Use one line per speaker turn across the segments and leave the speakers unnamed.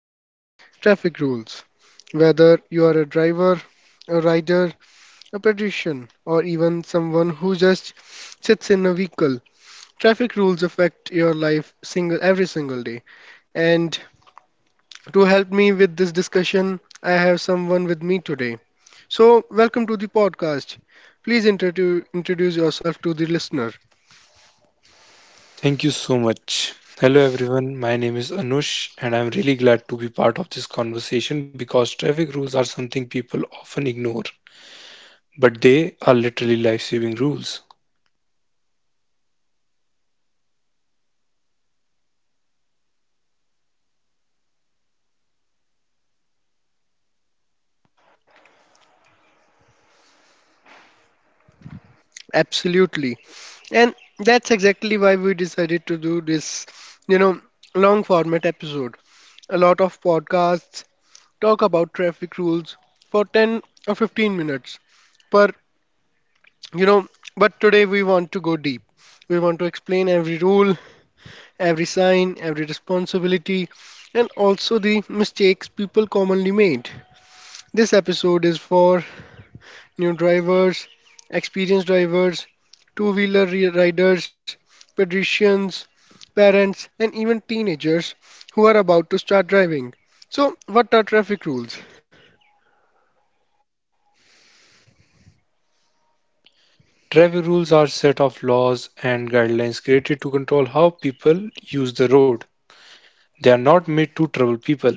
That is, traffic rules. Whether you are a driver, a rider, a pedestrian, or even someone who just sits in a vehicle, traffic rules affect your life single every single day. And to help me with this discussion, I have someone with me today. So, welcome to the podcast. Please introduce yourself to the listener.
Too much. Hello everyone, my name is Anush and I'm really glad to be part of this conversation because traffic rules are something people often ignore, but they are literally life-saving rules.
Absolutely. And that's exactly why we decided to do this, you know, long format episode. A lot of podcasts talk about traffic rules for 10 or 15 minutes. But, you know, but today we want to go deep. We want to explain every rule, every sign, every responsibility, and also the mistakes people commonly made. This episode is for new drivers, experienced drivers, two wheeler riders, pedestrians, parents, and even teenagers who are about to start driving. So, what are traffic rules?
Traffic rules are a set of laws and guidelines created to control how people use the road. They are not made to trouble people.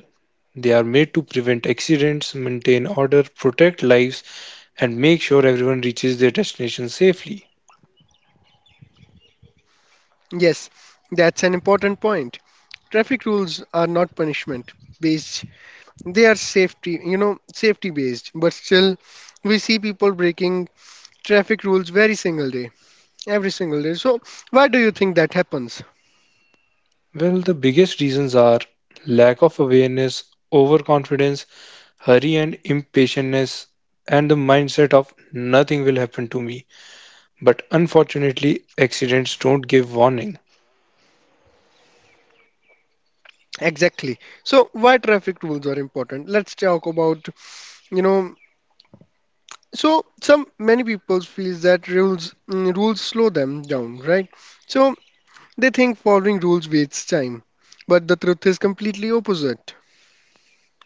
They are made to prevent accidents, maintain order, protect lives, and make sure everyone reaches their destination safely.
Yes, that's an important point. Traffic rules are not punishment based, they are safety, safety based, but still, we see people breaking traffic rules very single day, every single day. So, why do you think that happens?
Well, the biggest reasons are lack of awareness, overconfidence, hurry and impatientness and the mindset of nothing will happen to me. But unfortunately, accidents don't give warning.
Exactly. So why traffic rules are important? Let's talk about, you know, so some many people feels that rules rules slow them down, right? So they think following rules wastes time, but the truth is completely opposite.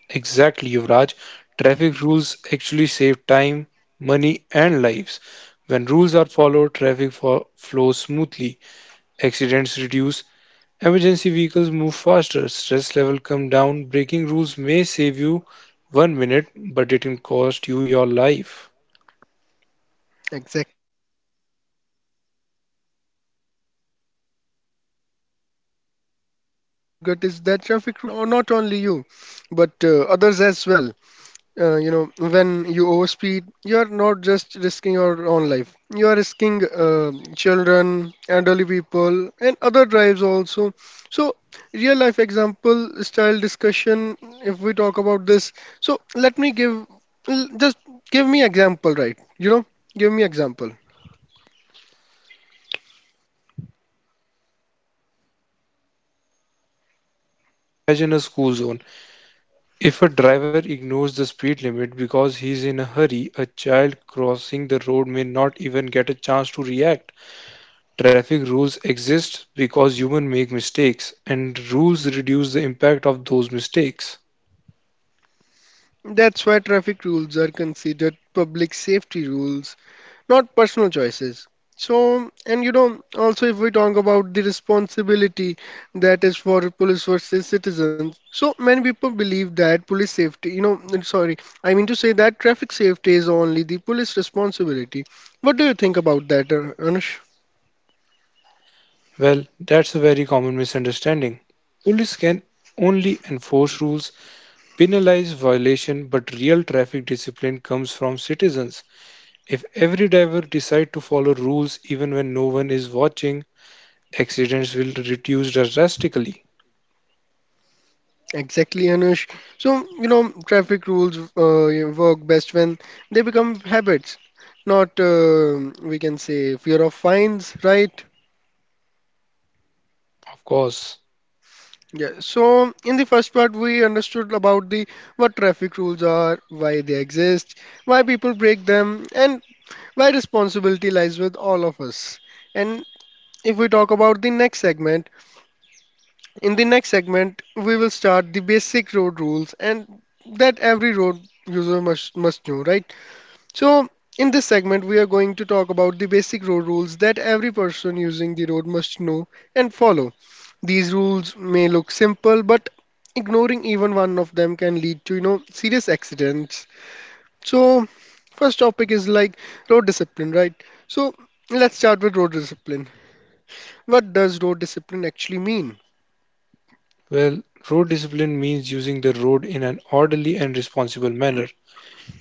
Exactly, Yuvraj. Traffic rules actually save time, money, and lives. When rules are followed, traffic flows smoothly, accidents reduce, emergency vehicles move faster, stress level come down. Breaking rules may save you 1 minute, but it can cost you your life.
Exactly, and that's powerful. And we can say like another thing people forget is that traffic rules protect not only you, but others as well. You know, when you overspeed, you are not just risking your own life. You are risking children, elderly people, and other drives also. So, real life example style discussion. If we talk about this, so let me give just give me example, right? You know, give me example.
Imagine a school zone. If a driver ignores the speed limit because he's in a hurry, a child crossing the road may not even get a chance to react. Traffic rules exist because humans make mistakes, and rules reduce the impact of those mistakes.
That's why traffic rules are considered public safety rules, not personal choices. So, and you know, also if we talk about the responsibility that is for police versus citizens, so many people believe that police safety, you know, I'm sorry, I mean to say that traffic safety is only the police responsibility. What do you think about that, Anush?
Well, that's a very common misunderstanding. Police can only enforce rules, penalize violation, but real traffic discipline comes from citizens. If every driver decides to follow rules even when no one is watching, accidents will reduce drastically,
Exactly, Anush. So, you know, traffic rules you work best when they become habits, not, we can say, fear of fines, right?
of course.
Yeah, so in the first part we understood about the what traffic rules are, why they exist, why people break them, and why responsibility lies with all of us. And if we talk about the next segment, in the next segment we will start the basic road rules and that every road user must know, right? So, in this segment, we are going to talk about the basic road rules that every person using the road must know and follow. These rules may look simple, but ignoring even one of them can lead to, you know, serious accidents. So, first topic is like road discipline, right? So, let's start with road discipline. What does road discipline actually mean?
Well, road discipline means using the road in an orderly and responsible manner.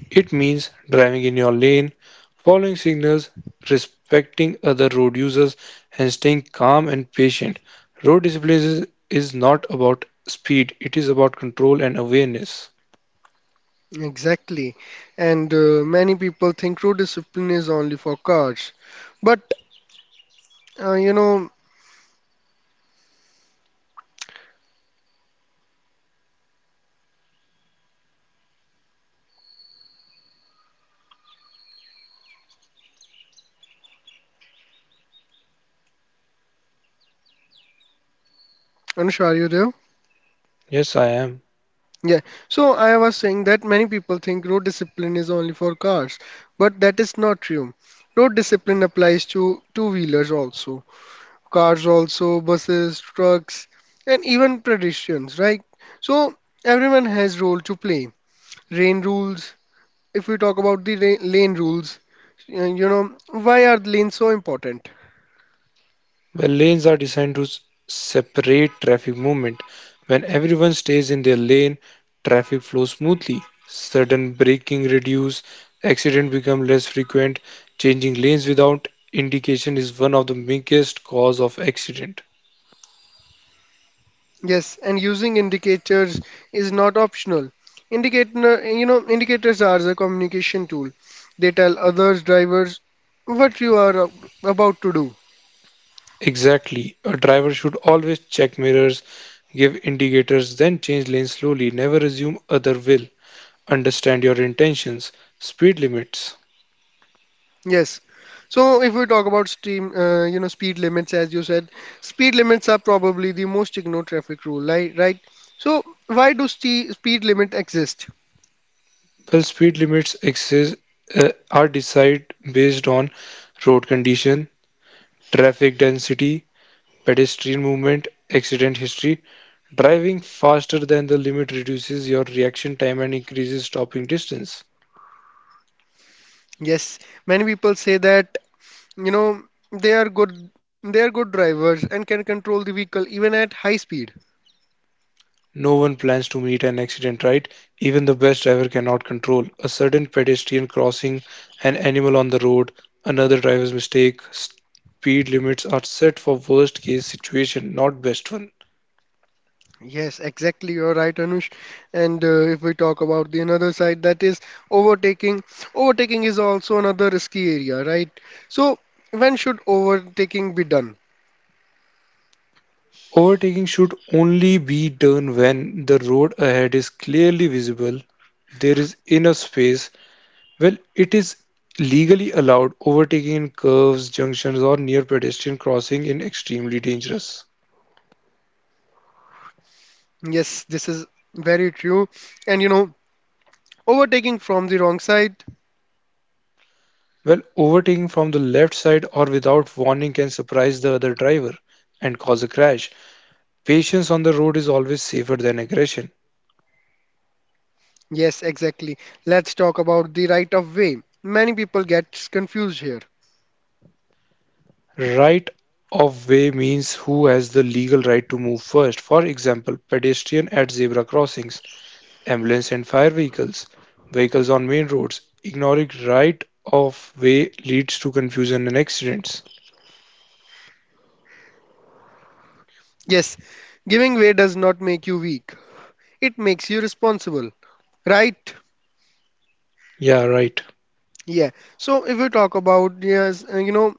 It means driving in your lane, following signals, respecting other road users, and staying calm and patient. Road discipline is not about speed, it is about control and awareness.
Exactly. And many people think road discipline is only for cars. But you know, Anushar, you there?
Yes, I am.
Yeah, so I was saying that many people think road discipline is only for cars, but that is not true. Road discipline applies to two-wheelers also, cars also, buses, trucks, and even pedestrians, right? So everyone has role to play. Rain rules, if we talk about the lane rules, you know, why are lanes so important?
The lanes are designed to separate traffic movement. When everyone stays in their lane, traffic flows smoothly. Sudden braking reduce, accident become less frequent. Changing lanes without indication is one of the biggest cause of accident.
Yes, and using indicators is not optional. Indicators are the communication tool. They tell others drivers what you are about to do.
Exactly. A driver should always check mirrors, give indicators, then change lanes slowly. Never assume other will. Understand your intentions, speed limits.
Yes. So if we talk about you know, speed limits, as you said, speed limits are probably the most ignored traffic rule, right? Right. So why do ste speed limit exist?
Well, speed limits exist, are decided based on road condition, traffic density, pedestrian movement, accident history. Driving faster than the limit reduces your reaction time and increases stopping distance.
Yes, many people say that, you know, they are good drivers and can control the vehicle even at high speed.
No one plans to meet an accident, right? Even the best driver cannot control a sudden pedestrian crossing, an animal on the road, another driver's mistake. Speed limits are set for worst case situation, not best one.
Yes, exactly. You're right, Anush. And if we talk about the another side, that is overtaking. Overtaking is also another risky area, right? So, when should overtaking be done?
Overtaking should only be done when the road ahead is clearly visible, there is enough space, well, it is legally allowed. Overtaking in curves, junctions, or near pedestrian crossing is extremely dangerous.
Yes, this is very true. And you know, overtaking from the wrong side.
Well, overtaking from the left side or without warning can surprise the other driver and cause a crash. Patience on the road is always safer than aggression.
Yes, exactly. Let's talk about the right of way. Many people get confused here.
Right of way means who has the legal right to move first. For example, pedestrian at zebra crossings. Ambulance and fire vehicles, vehicles on main roads, ignoring right-of-way leads to confusion and accidents.
Yes, giving way does not make you weak. It makes you responsible, right?
Yeah, right.
Yeah. So if we talk about yes, you know,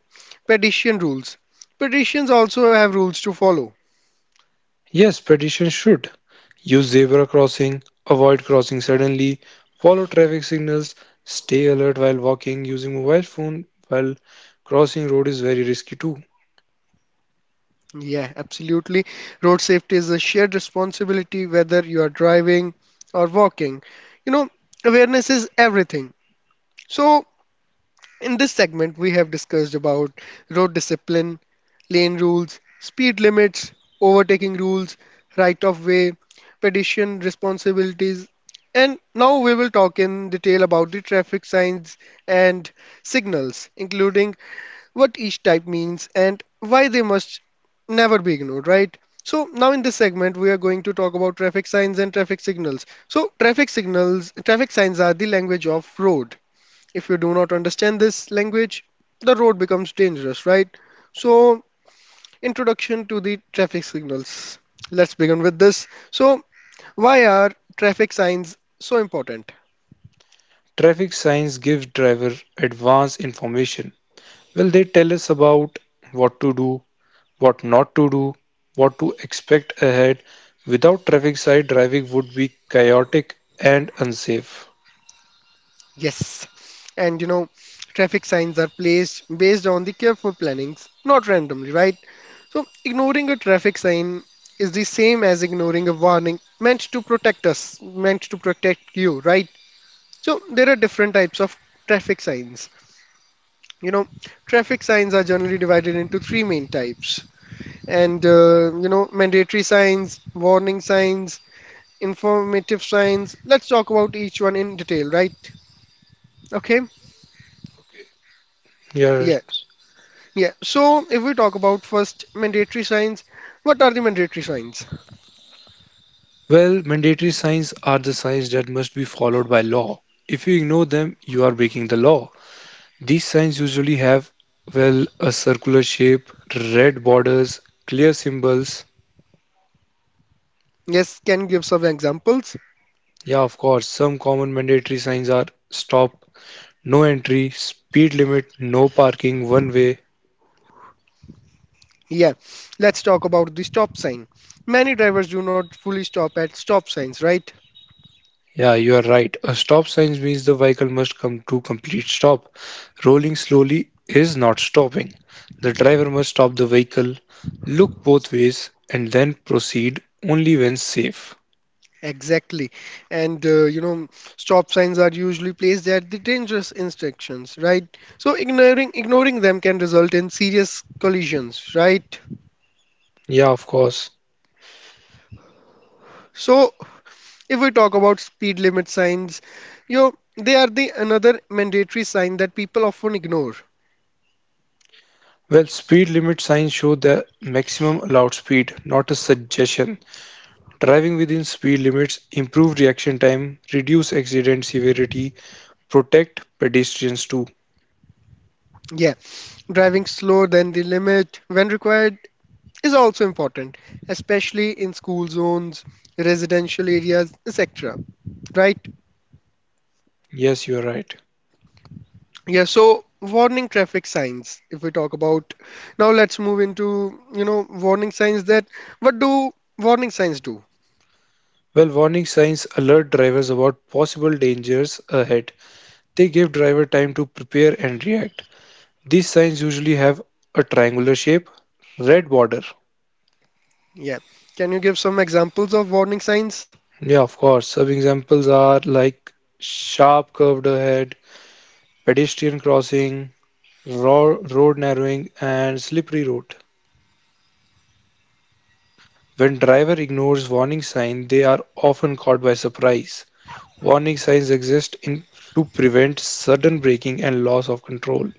pedestrian rules. Pedestrians also have rules to follow.
Yes, pedestrians should use zebra crossing, avoid crossing suddenly, follow traffic signals, stay alert while walking, using mobile phone while crossing road is very risky too.
Yeah, absolutely. Road safety is a shared responsibility whether you are driving or walking. You know, awareness is everything. So in this segment, we have discussed about road discipline, lane rules, speed limits, overtaking rules, right of way, pedestrian responsibilities, and now we will talk in detail about the traffic signs and signals, including what each type means and why they must never be ignored, right? So, now in this segment, we are going to talk about traffic signs and traffic signals. So, traffic signals, traffic signs are the language of road. If you do not understand this language, the road becomes dangerous, right? So, introduction to the traffic signals. Let's begin with this. So, why are traffic signs so important?
Traffic signs give driver advance information. Well, they tell us about what to do, what not to do, what to expect ahead without traffic side driving would be chaotic and unsafe.
Yes. And you know, traffic signs are placed based on the careful plannings, not randomly, right? So, ignoring a traffic sign is the same as ignoring a warning meant to protect us, meant to protect you, right? So, there are different types of traffic signs. You know, traffic signs are generally divided into three main types. And, you know, mandatory signs, warning signs, informative signs. Let's talk about each one in detail, right? Okay?
Okay. Yeah.
Yeah. Yeah. So, if we talk about first mandatory signs, what are the mandatory signs?
Well, mandatory signs are the signs that must be followed by law. If you ignore them, you are breaking the law. These signs usually have, well, a circular shape, red borders, clear symbols.
Yes, can give some examples?
Yeah, of course, some common mandatory signs are stop, no entry, speed limit, no parking, one way.
Yeah. Let's talk about the stop sign. Many drivers do not fully stop at stop signs, right?
Yeah, you are right. A stop sign means the vehicle must come to complete stop. Rolling slowly is not stopping. The driver must stop the vehicle, look both ways, and then proceed only when safe.
Exactly. And you know, stop signs are usually placed at the dangerous intersections, right? So ignoring them can result in serious collisions, right?
Yeah, of course.
So if we talk about speed limit signs, you know, they are the another mandatory sign that people often ignore.
Well, speed limit signs show the maximum allowed speed, not a suggestion. Driving within speed limits improve reaction time, reduce accident severity, protect pedestrians too.
Yeah. Driving slower than the limit when required is also important, especially in school zones, residential areas, etc. Right?
Yes, you are right.
Yeah, so warning traffic signs, if we talk about now let's move into, you know, warning signs, that what do warning signs do?
While warning signs alert drivers about possible dangers ahead, they give driver time to prepare and react. These signs usually have a triangular shape, red border.
Yeah. Can you give some examples of warning signs?
Yeah, of course. Some examples are like sharp curved ahead, pedestrian crossing, road narrowing, and slippery road. When driver ignores warning sign, they are often caught by surprise. Warning signs exist in to prevent sudden braking and loss of control.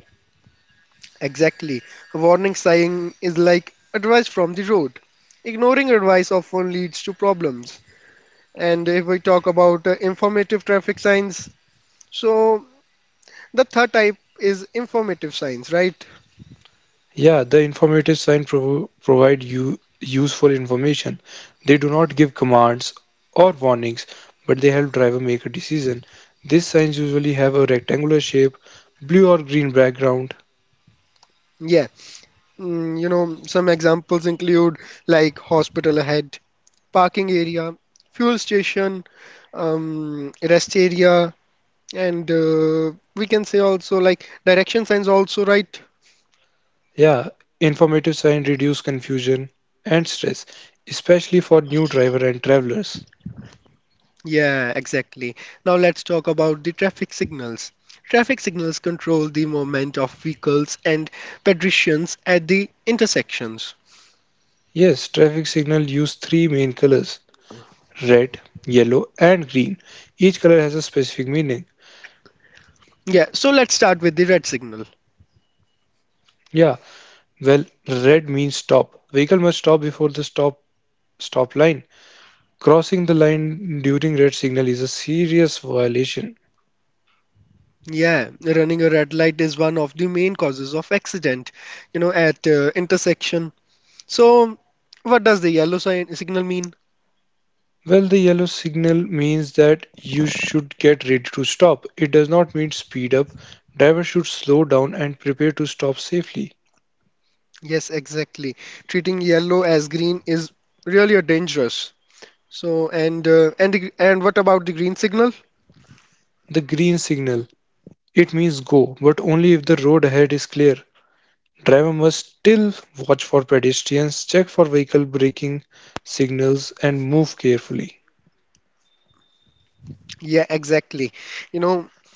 Exactly. A warning sign is like advice from the road. Ignoring advice often leads to problems. And if we talk about informative traffic signs, so the third type is informative signs, right?
Yeah, the informative sign provide you useful information. They do not give commands or warnings, but they help driver make a decision. These signs usually have a rectangular shape, blue or green background.
Yeah. You know, some examples include like hospital ahead, parking area, fuel station, rest area, and we can say also like direction signs also, right?
Yeah, informative sign reduce confusion and stress, especially for new driver and travelers.
Yeah, exactly. Now let's talk about the traffic signals. Traffic signals control the movement of vehicles and pedestrians at the intersections.
Yes, traffic signal use three main colors, red, yellow and green. Each color has a specific meaning.
Yeah, so let's start with the red signal.
Yeah, well, red means stop. Vehicle must stop before the stop line. Crossing the line during red signal is a serious violation.
Yeah, running a red light is one of the main causes of accident, you know, at intersection. So, what does the yellow signal mean?
Well, the yellow signal means that you should get ready to stop. It does not mean speed up. Driver should slow down and prepare to stop safely.
Yes, exactly. Treating yellow as green is really a dangerous. So, and and what about the green signal?
The green signal it means go, but only if the road ahead is clear. Driver must still watch for pedestrians, check for vehicle braking signals and move carefully.
Yeah, exactly. You know,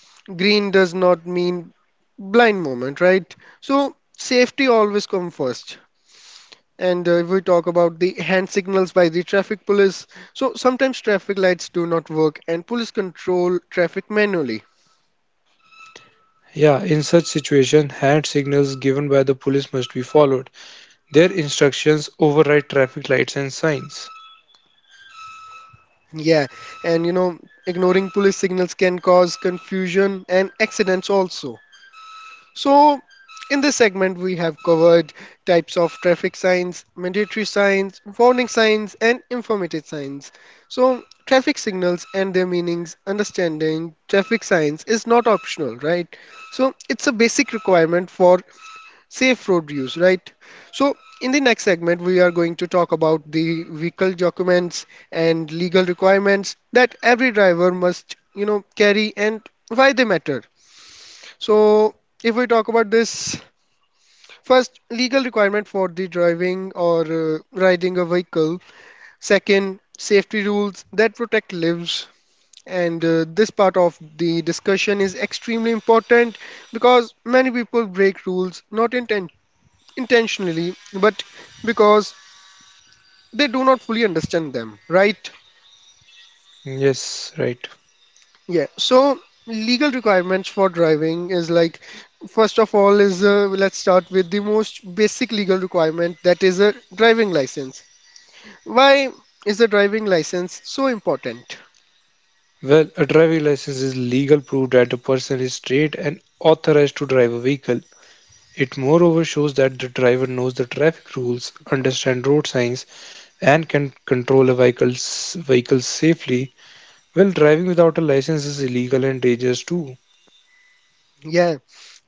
green does not mean blind moment, right? So, safety always come first. And if we talk about the hand signals by the traffic police, so sometimes traffic lights do not work and police control traffic manually.
Yeah, in such situation, hand signals given by the police must be followed. Their instructions override traffic lights and signs.
Yeah, and you know, ignoring police signals can cause confusion and accidents also. So, in this segment, we have covered types of traffic signs, mandatory signs, warning signs, and informative signs. So, traffic signals and their meanings, understanding traffic signs is not optional, right? So, it's a basic requirement for safe road use, right? So, in the next segment, we are going to talk about the vehicle documents and legal requirements that every driver must, you know, carry and why they matter. So, if we talk about this, first, legal requirement for the driving or riding a vehicle. Second, safety rules that protect lives. And this part of the discussion is extremely important because many people break rules not intentionally, but because they do not fully understand them, right?
Yes, right.
Yeah, so legal requirements for driving is like, first of all, is let's start with the most basic legal requirement that is a driving license. Why is a driving license so important?
Well, a driving license is legal proof that a person is trained and authorized to drive a vehicle. It moreover shows that the driver knows the traffic rules, understand road signs, and can control a vehicle safely. Well, driving without a license is illegal and dangerous too.
Yeah,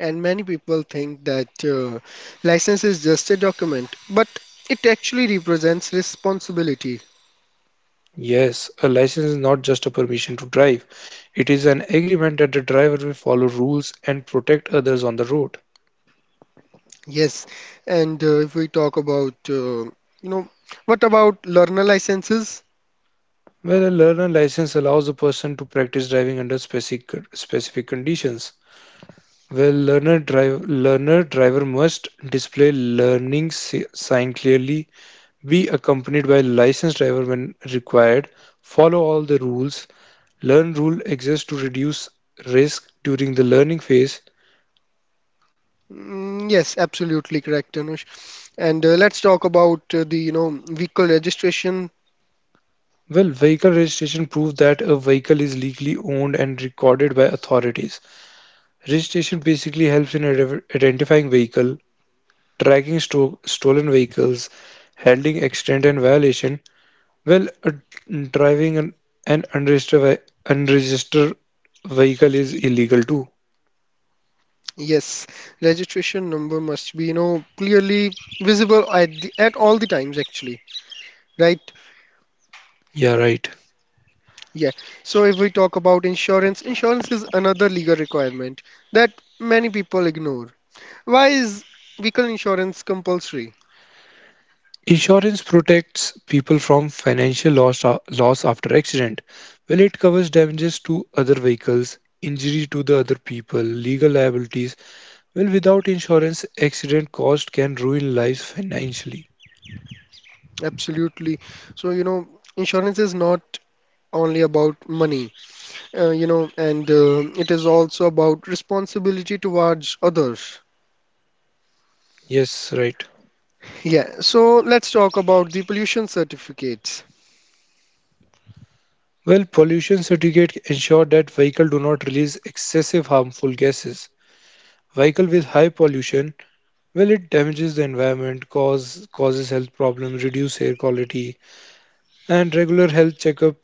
and many people think that license is just a document, but it actually represents responsibility.
Yes, a license is not just a permission to drive. It is an agreement that the driver will follow rules and protect others on the road.
Yes, and if we talk about, you know, what about learner licenses?
Well, a learner license allows a person to practice driving under specific conditions. Well, learner driver must display learning sign clearly, be accompanied by licensed driver when required, follow all the rules. Learn rule exists to reduce risk during the learning phase.
Yes, absolutely correct, Anush. And Let's talk about you know, vehicle registration.
Well, vehicle registration proves that a vehicle is legally owned and recorded by authorities. Registration basically helps in identifying vehicle, tracking stolen vehicles, handling accident and violation. Well, driving an unregistered vehicle is illegal too.
Yes, registration number must be, you know, clearly visible at at all the times actually, right?
Yeah, right.
Yeah. So if we talk about insurance, insurance is another legal requirement that many people ignore. Why is vehicle insurance compulsory?
Insurance protects people from financial loss after accident. Well, it covers damages to other vehicles, injury to the other people, legal liabilities. Well, without insurance, accident cost can ruin lives financially.
Absolutely. So, insurance is not only about money. And it is also about responsibility towards others.
Yes, right.
Yeah, so let's talk about the pollution certificates.
Well, pollution certificate ensure that vehicle do not release excessive harmful gases. Vehicle with high pollution, well, it damages the environment, causes health problems, reduce air quality, and regular health checkup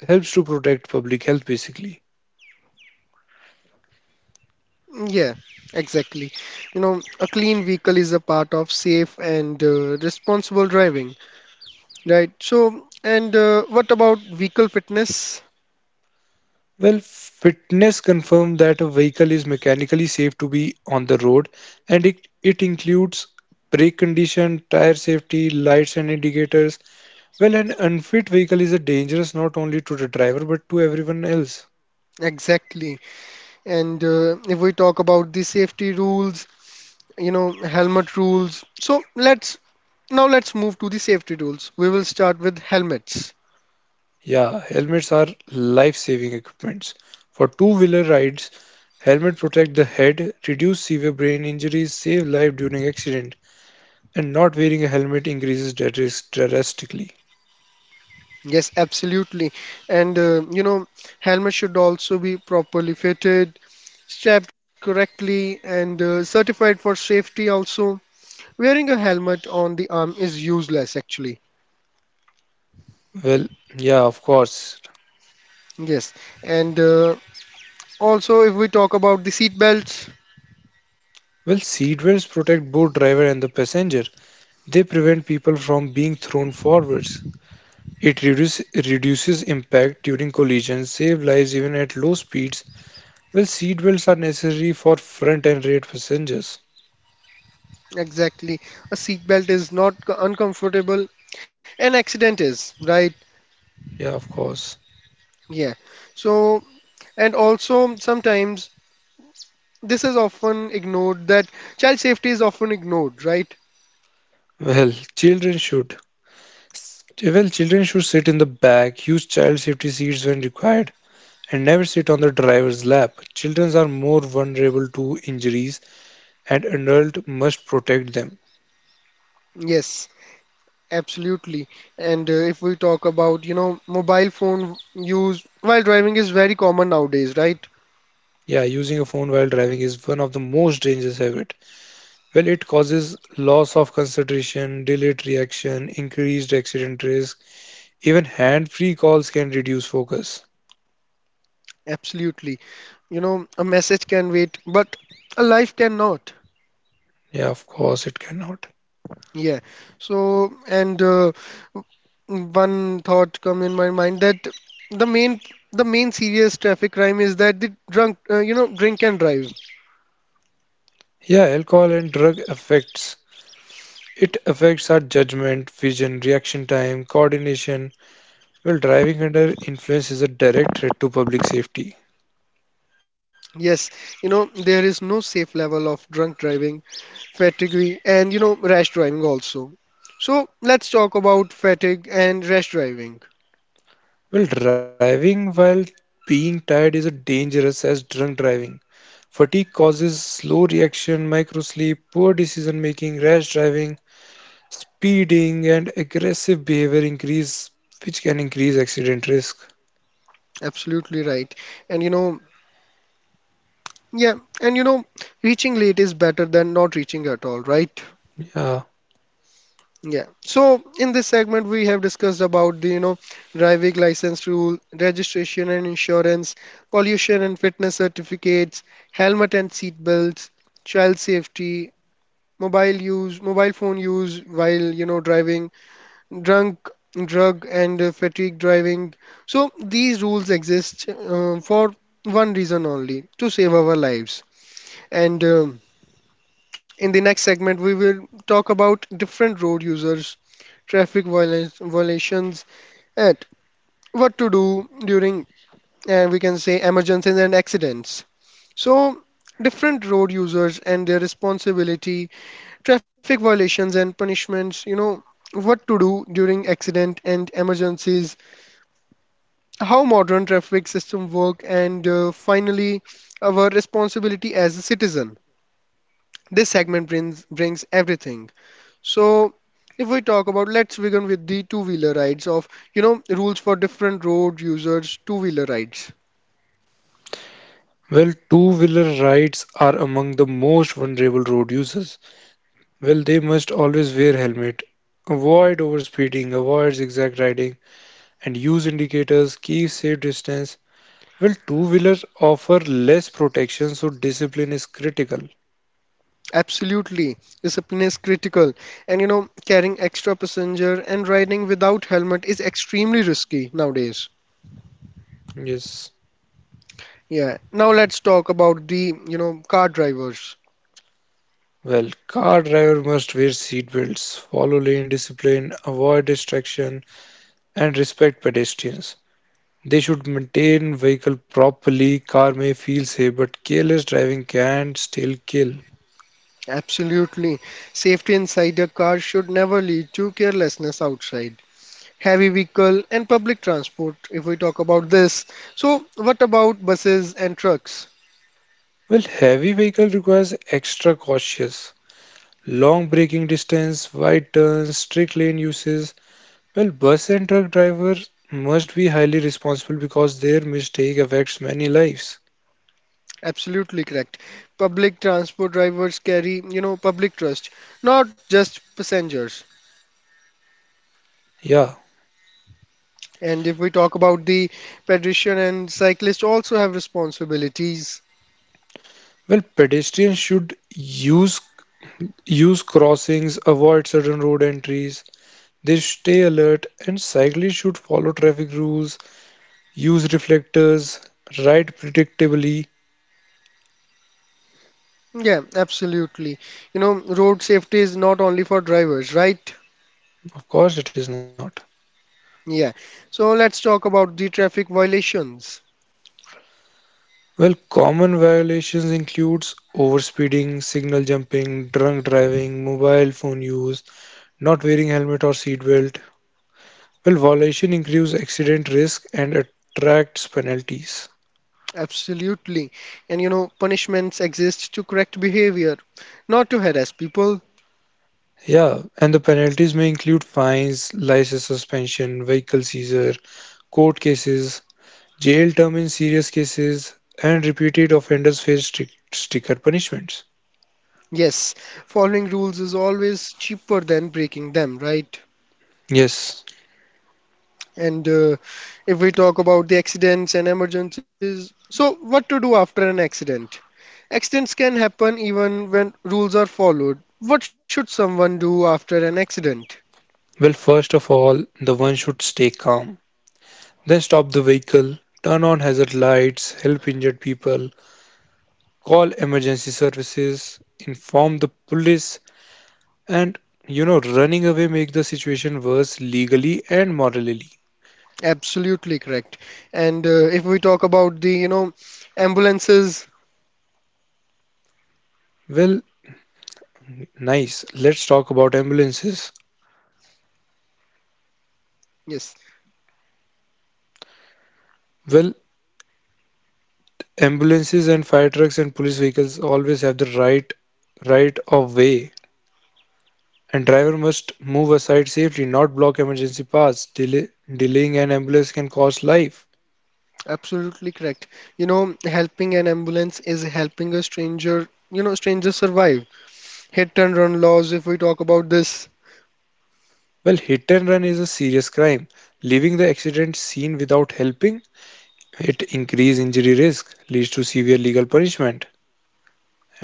helps to protect public health basically.
Yeah, exactly. A clean vehicle is a part of safe and responsible driving, right? So, and what about vehicle fitness?
Well, fitness confirmed that a vehicle is mechanically safe to be on the road, and it includes brake condition, tire safety, lights and indicators. Well, an unfit vehicle is a dangerous not only to the driver but to everyone else.
Exactly. And if we talk about the safety rules, helmet rules. So let's move to the safety rules. We will start with helmets.
Yeah, helmets are life-saving equipments. For two-wheeler rides, helmet protect the head, reduce severe brain injuries, save life during accident, and not wearing a helmet increases that risk drastically.
Yes, absolutely. And helmet should also be properly fitted, strapped correctly, and certified for safety also. Wearing a helmet on the arm is useless actually.
Well, yeah, of course.
Yes. And also, if we talk about the seat belts,
Well, seat belts protect both driver and the passenger. They prevent people from being thrown forwards. It reduces impact during collisions, save lives even at low speeds. Well, seat belts are necessary for front and rear passengers.
exactly. A seat belt is not uncomfortable. An accident is, right?
Yeah, of course.
Yeah. So, and also sometimes this is often ignored that child safety is often ignored, right?
Well, children should. Well, children should sit in the back, use child safety seats when required, and never sit on the driver's lap. Children are more vulnerable to injuries, and adults must protect them.
Yes, absolutely. And if we talk about, mobile phone use while driving is very common nowadays, right?
Yeah, using a phone while driving is one of the most dangerous habit. Well, it causes loss of concentration, delayed reaction, increased accident risk. Even hand-free calls can reduce focus.
Absolutely. A message can wait, but a life cannot.
Yeah, of course it cannot.
Yeah. So, and one thought come in my mind that the main the main serious traffic crime is that the drunk you know drink and drive.
Yeah, alcohol and drug affects our judgment, vision, reaction time, coordination. Well, driving under influence is a direct threat to public safety.
Yes. There is no safe level of drunk driving, fatigue, and rash driving also. So let's talk about fatigue and rash driving.
Well, driving while being tired is a dangerous as drunk driving. Fatigue causes slow reaction, microsleep, poor decision making, rash driving, speeding, and aggressive behavior increase, which can increase accident risk.
Absolutely right. And yeah. And reaching late is better than not reaching at all, right?
Yeah.
Yeah. So in this segment we have discussed about the driving license rule, registration and insurance, pollution and fitness certificates, helmet and seat belts, child safety, mobile phone use while driving, drunk, drug, and fatigue driving. So these rules exist for one reason only: to save our lives. And in the next segment, we will talk about different road users, traffic violations, and what to do during, we can say, emergencies and accidents. So different road users and their responsibility, traffic violations and punishments, what to do during accident and emergencies, how modern traffic system work, and finally, our responsibility as a citizen. This segment brings everything. So, if we talk about, let's begin with the two-wheeler rides of, rules for different road users, two-wheeler rides.
Well, two-wheeler rides are among the most vulnerable road users. Well, they must always wear helmet, avoid overspeeding, avoid zigzag riding, and use indicators, keep safe distance. Well, two-wheelers offer less protection, so discipline is critical.
Absolutely, discipline is critical, and carrying extra passenger and riding without helmet is extremely risky nowadays.
Yes.
Yeah, now let's talk about the, car drivers.
Well, car driver must wear seat belts, follow lane discipline, avoid distraction, and respect pedestrians. They should maintain vehicle properly. Car may feel safe, but careless driving can still kill.
Absolutely. Safety inside a car should never lead to carelessness outside. Heavy vehicle and public transport, if we talk about this. So, what about buses and trucks?
Well, heavy vehicle requires extra cautious. Long braking distance, wide turns, strict lane uses. Well, bus and truck drivers must be highly responsible because their mistake affects many lives.
Absolutely correct. Public transport drivers carry, public trust, not just passengers.
Yeah.
And if we talk about the pedestrian and cyclist also have responsibilities.
Well, pedestrians should use crossings, avoid certain road entries. They stay alert and cyclists should follow traffic rules, use reflectors, ride predictably.
Yeah, absolutely. Road safety is not only for drivers, right?
Of course it is not.
Yeah. So let's talk about the traffic violations.
Well, common violations includes overspeeding, signal jumping, drunk driving, mobile phone use, not wearing helmet or seatbelt. Well, violation increases accident risk and attracts penalties.
Absolutely. And punishments exist to correct behavior, not to harass people.
Yeah, and the penalties may include fines, license suspension, vehicle seizure, court cases, jail term in serious cases, and repeated offenders face stricter punishments.
Yes, following rules is always cheaper than breaking them, right?
Yes.
And if we talk about the accidents and emergencies, so what to do after an accident? Accidents can happen even when rules are followed. What should someone do after an accident?
Well, first of all, the one should stay calm. Then stop the vehicle, turn on hazard lights, help injured people, call emergency services, inform the police, and running away make the situation worse legally and morally.
Absolutely correct. And if we talk about the, ambulances,
Well, nice. Let's talk about ambulances.
yes,
Well, ambulances and fire trucks and police vehicles always have the right of way, and driver must move aside safely, not block emergency paths. Delaying an ambulance can cost life.
absolutely correct. Helping an ambulance is helping a stranger survive. Hit and run laws, if we talk about this,
Well, hit and run is a serious crime. Leaving the accident scene without helping, it increase injury risk, leads to severe legal punishment,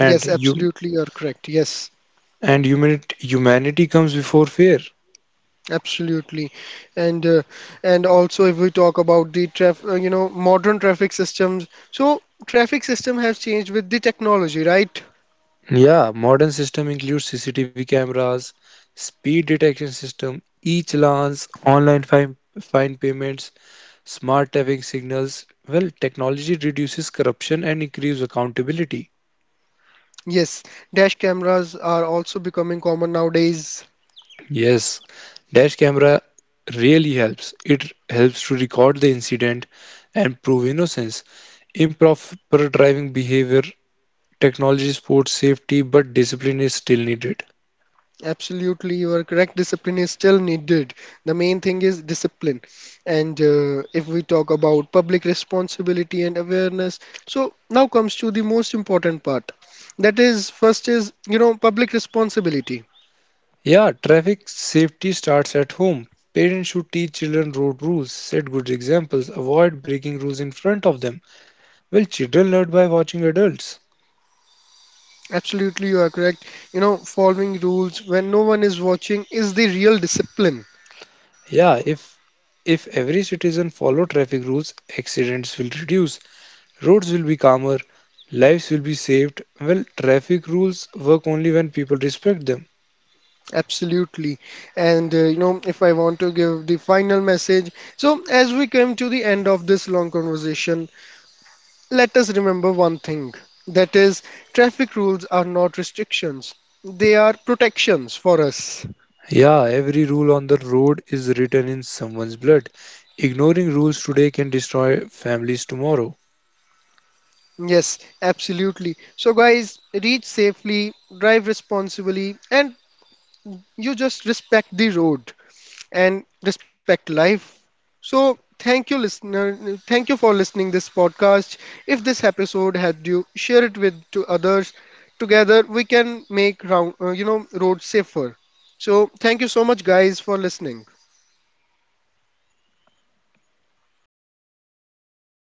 and you
absolutely you're correct. Yes,
and humanity comes before fear.
absolutely. And uh, and also if we talk about the traffic, you know, modern traffic systems. So traffic system has changed with the technology, right?
Yeah, modern system includes CCTV cameras, speed detection system, e-challans, online fine payments, smart traffic signals. Well, technology reduces corruption and increases accountability.
Yes, dash cameras are also becoming common nowadays.
Yes, dash camera really helps. It helps to record the incident and prove innocence. Improper driving behavior, technology supports safety, but discipline is still needed.
Absolutely, you are correct. Discipline is still needed. The main thing is discipline. And if we talk about public responsibility and awareness, so now comes to the most important part. That is, first is, public responsibility.
Yeah, traffic safety starts at home. Parents should teach children road rules, set good examples, avoid breaking rules in front of them. Well, children learn by watching adults.
Absolutely, you are correct. Following rules when no one is watching is the real discipline.
Yeah, if every citizen follow traffic rules, accidents will reduce, roads will be calmer, lives will be saved. Well, traffic rules work only when people respect them.
Absolutely. And if I want to give the final message, so as we come to the end of this long conversation, let us remember one thing, that is, traffic rules are not restrictions, they are protections for us.
Yeah, every rule on the road is written in someone's blood. Ignoring rules today can destroy families tomorrow.
Yes, absolutely. So, guys, reach safely, drive responsibly, and you just respect the road and respect life. So, thank you, listener. Thank you for listening this podcast. If this episode helped you, share it with to others. Together, we can make roads safer. So, thank you so much, guys, for listening.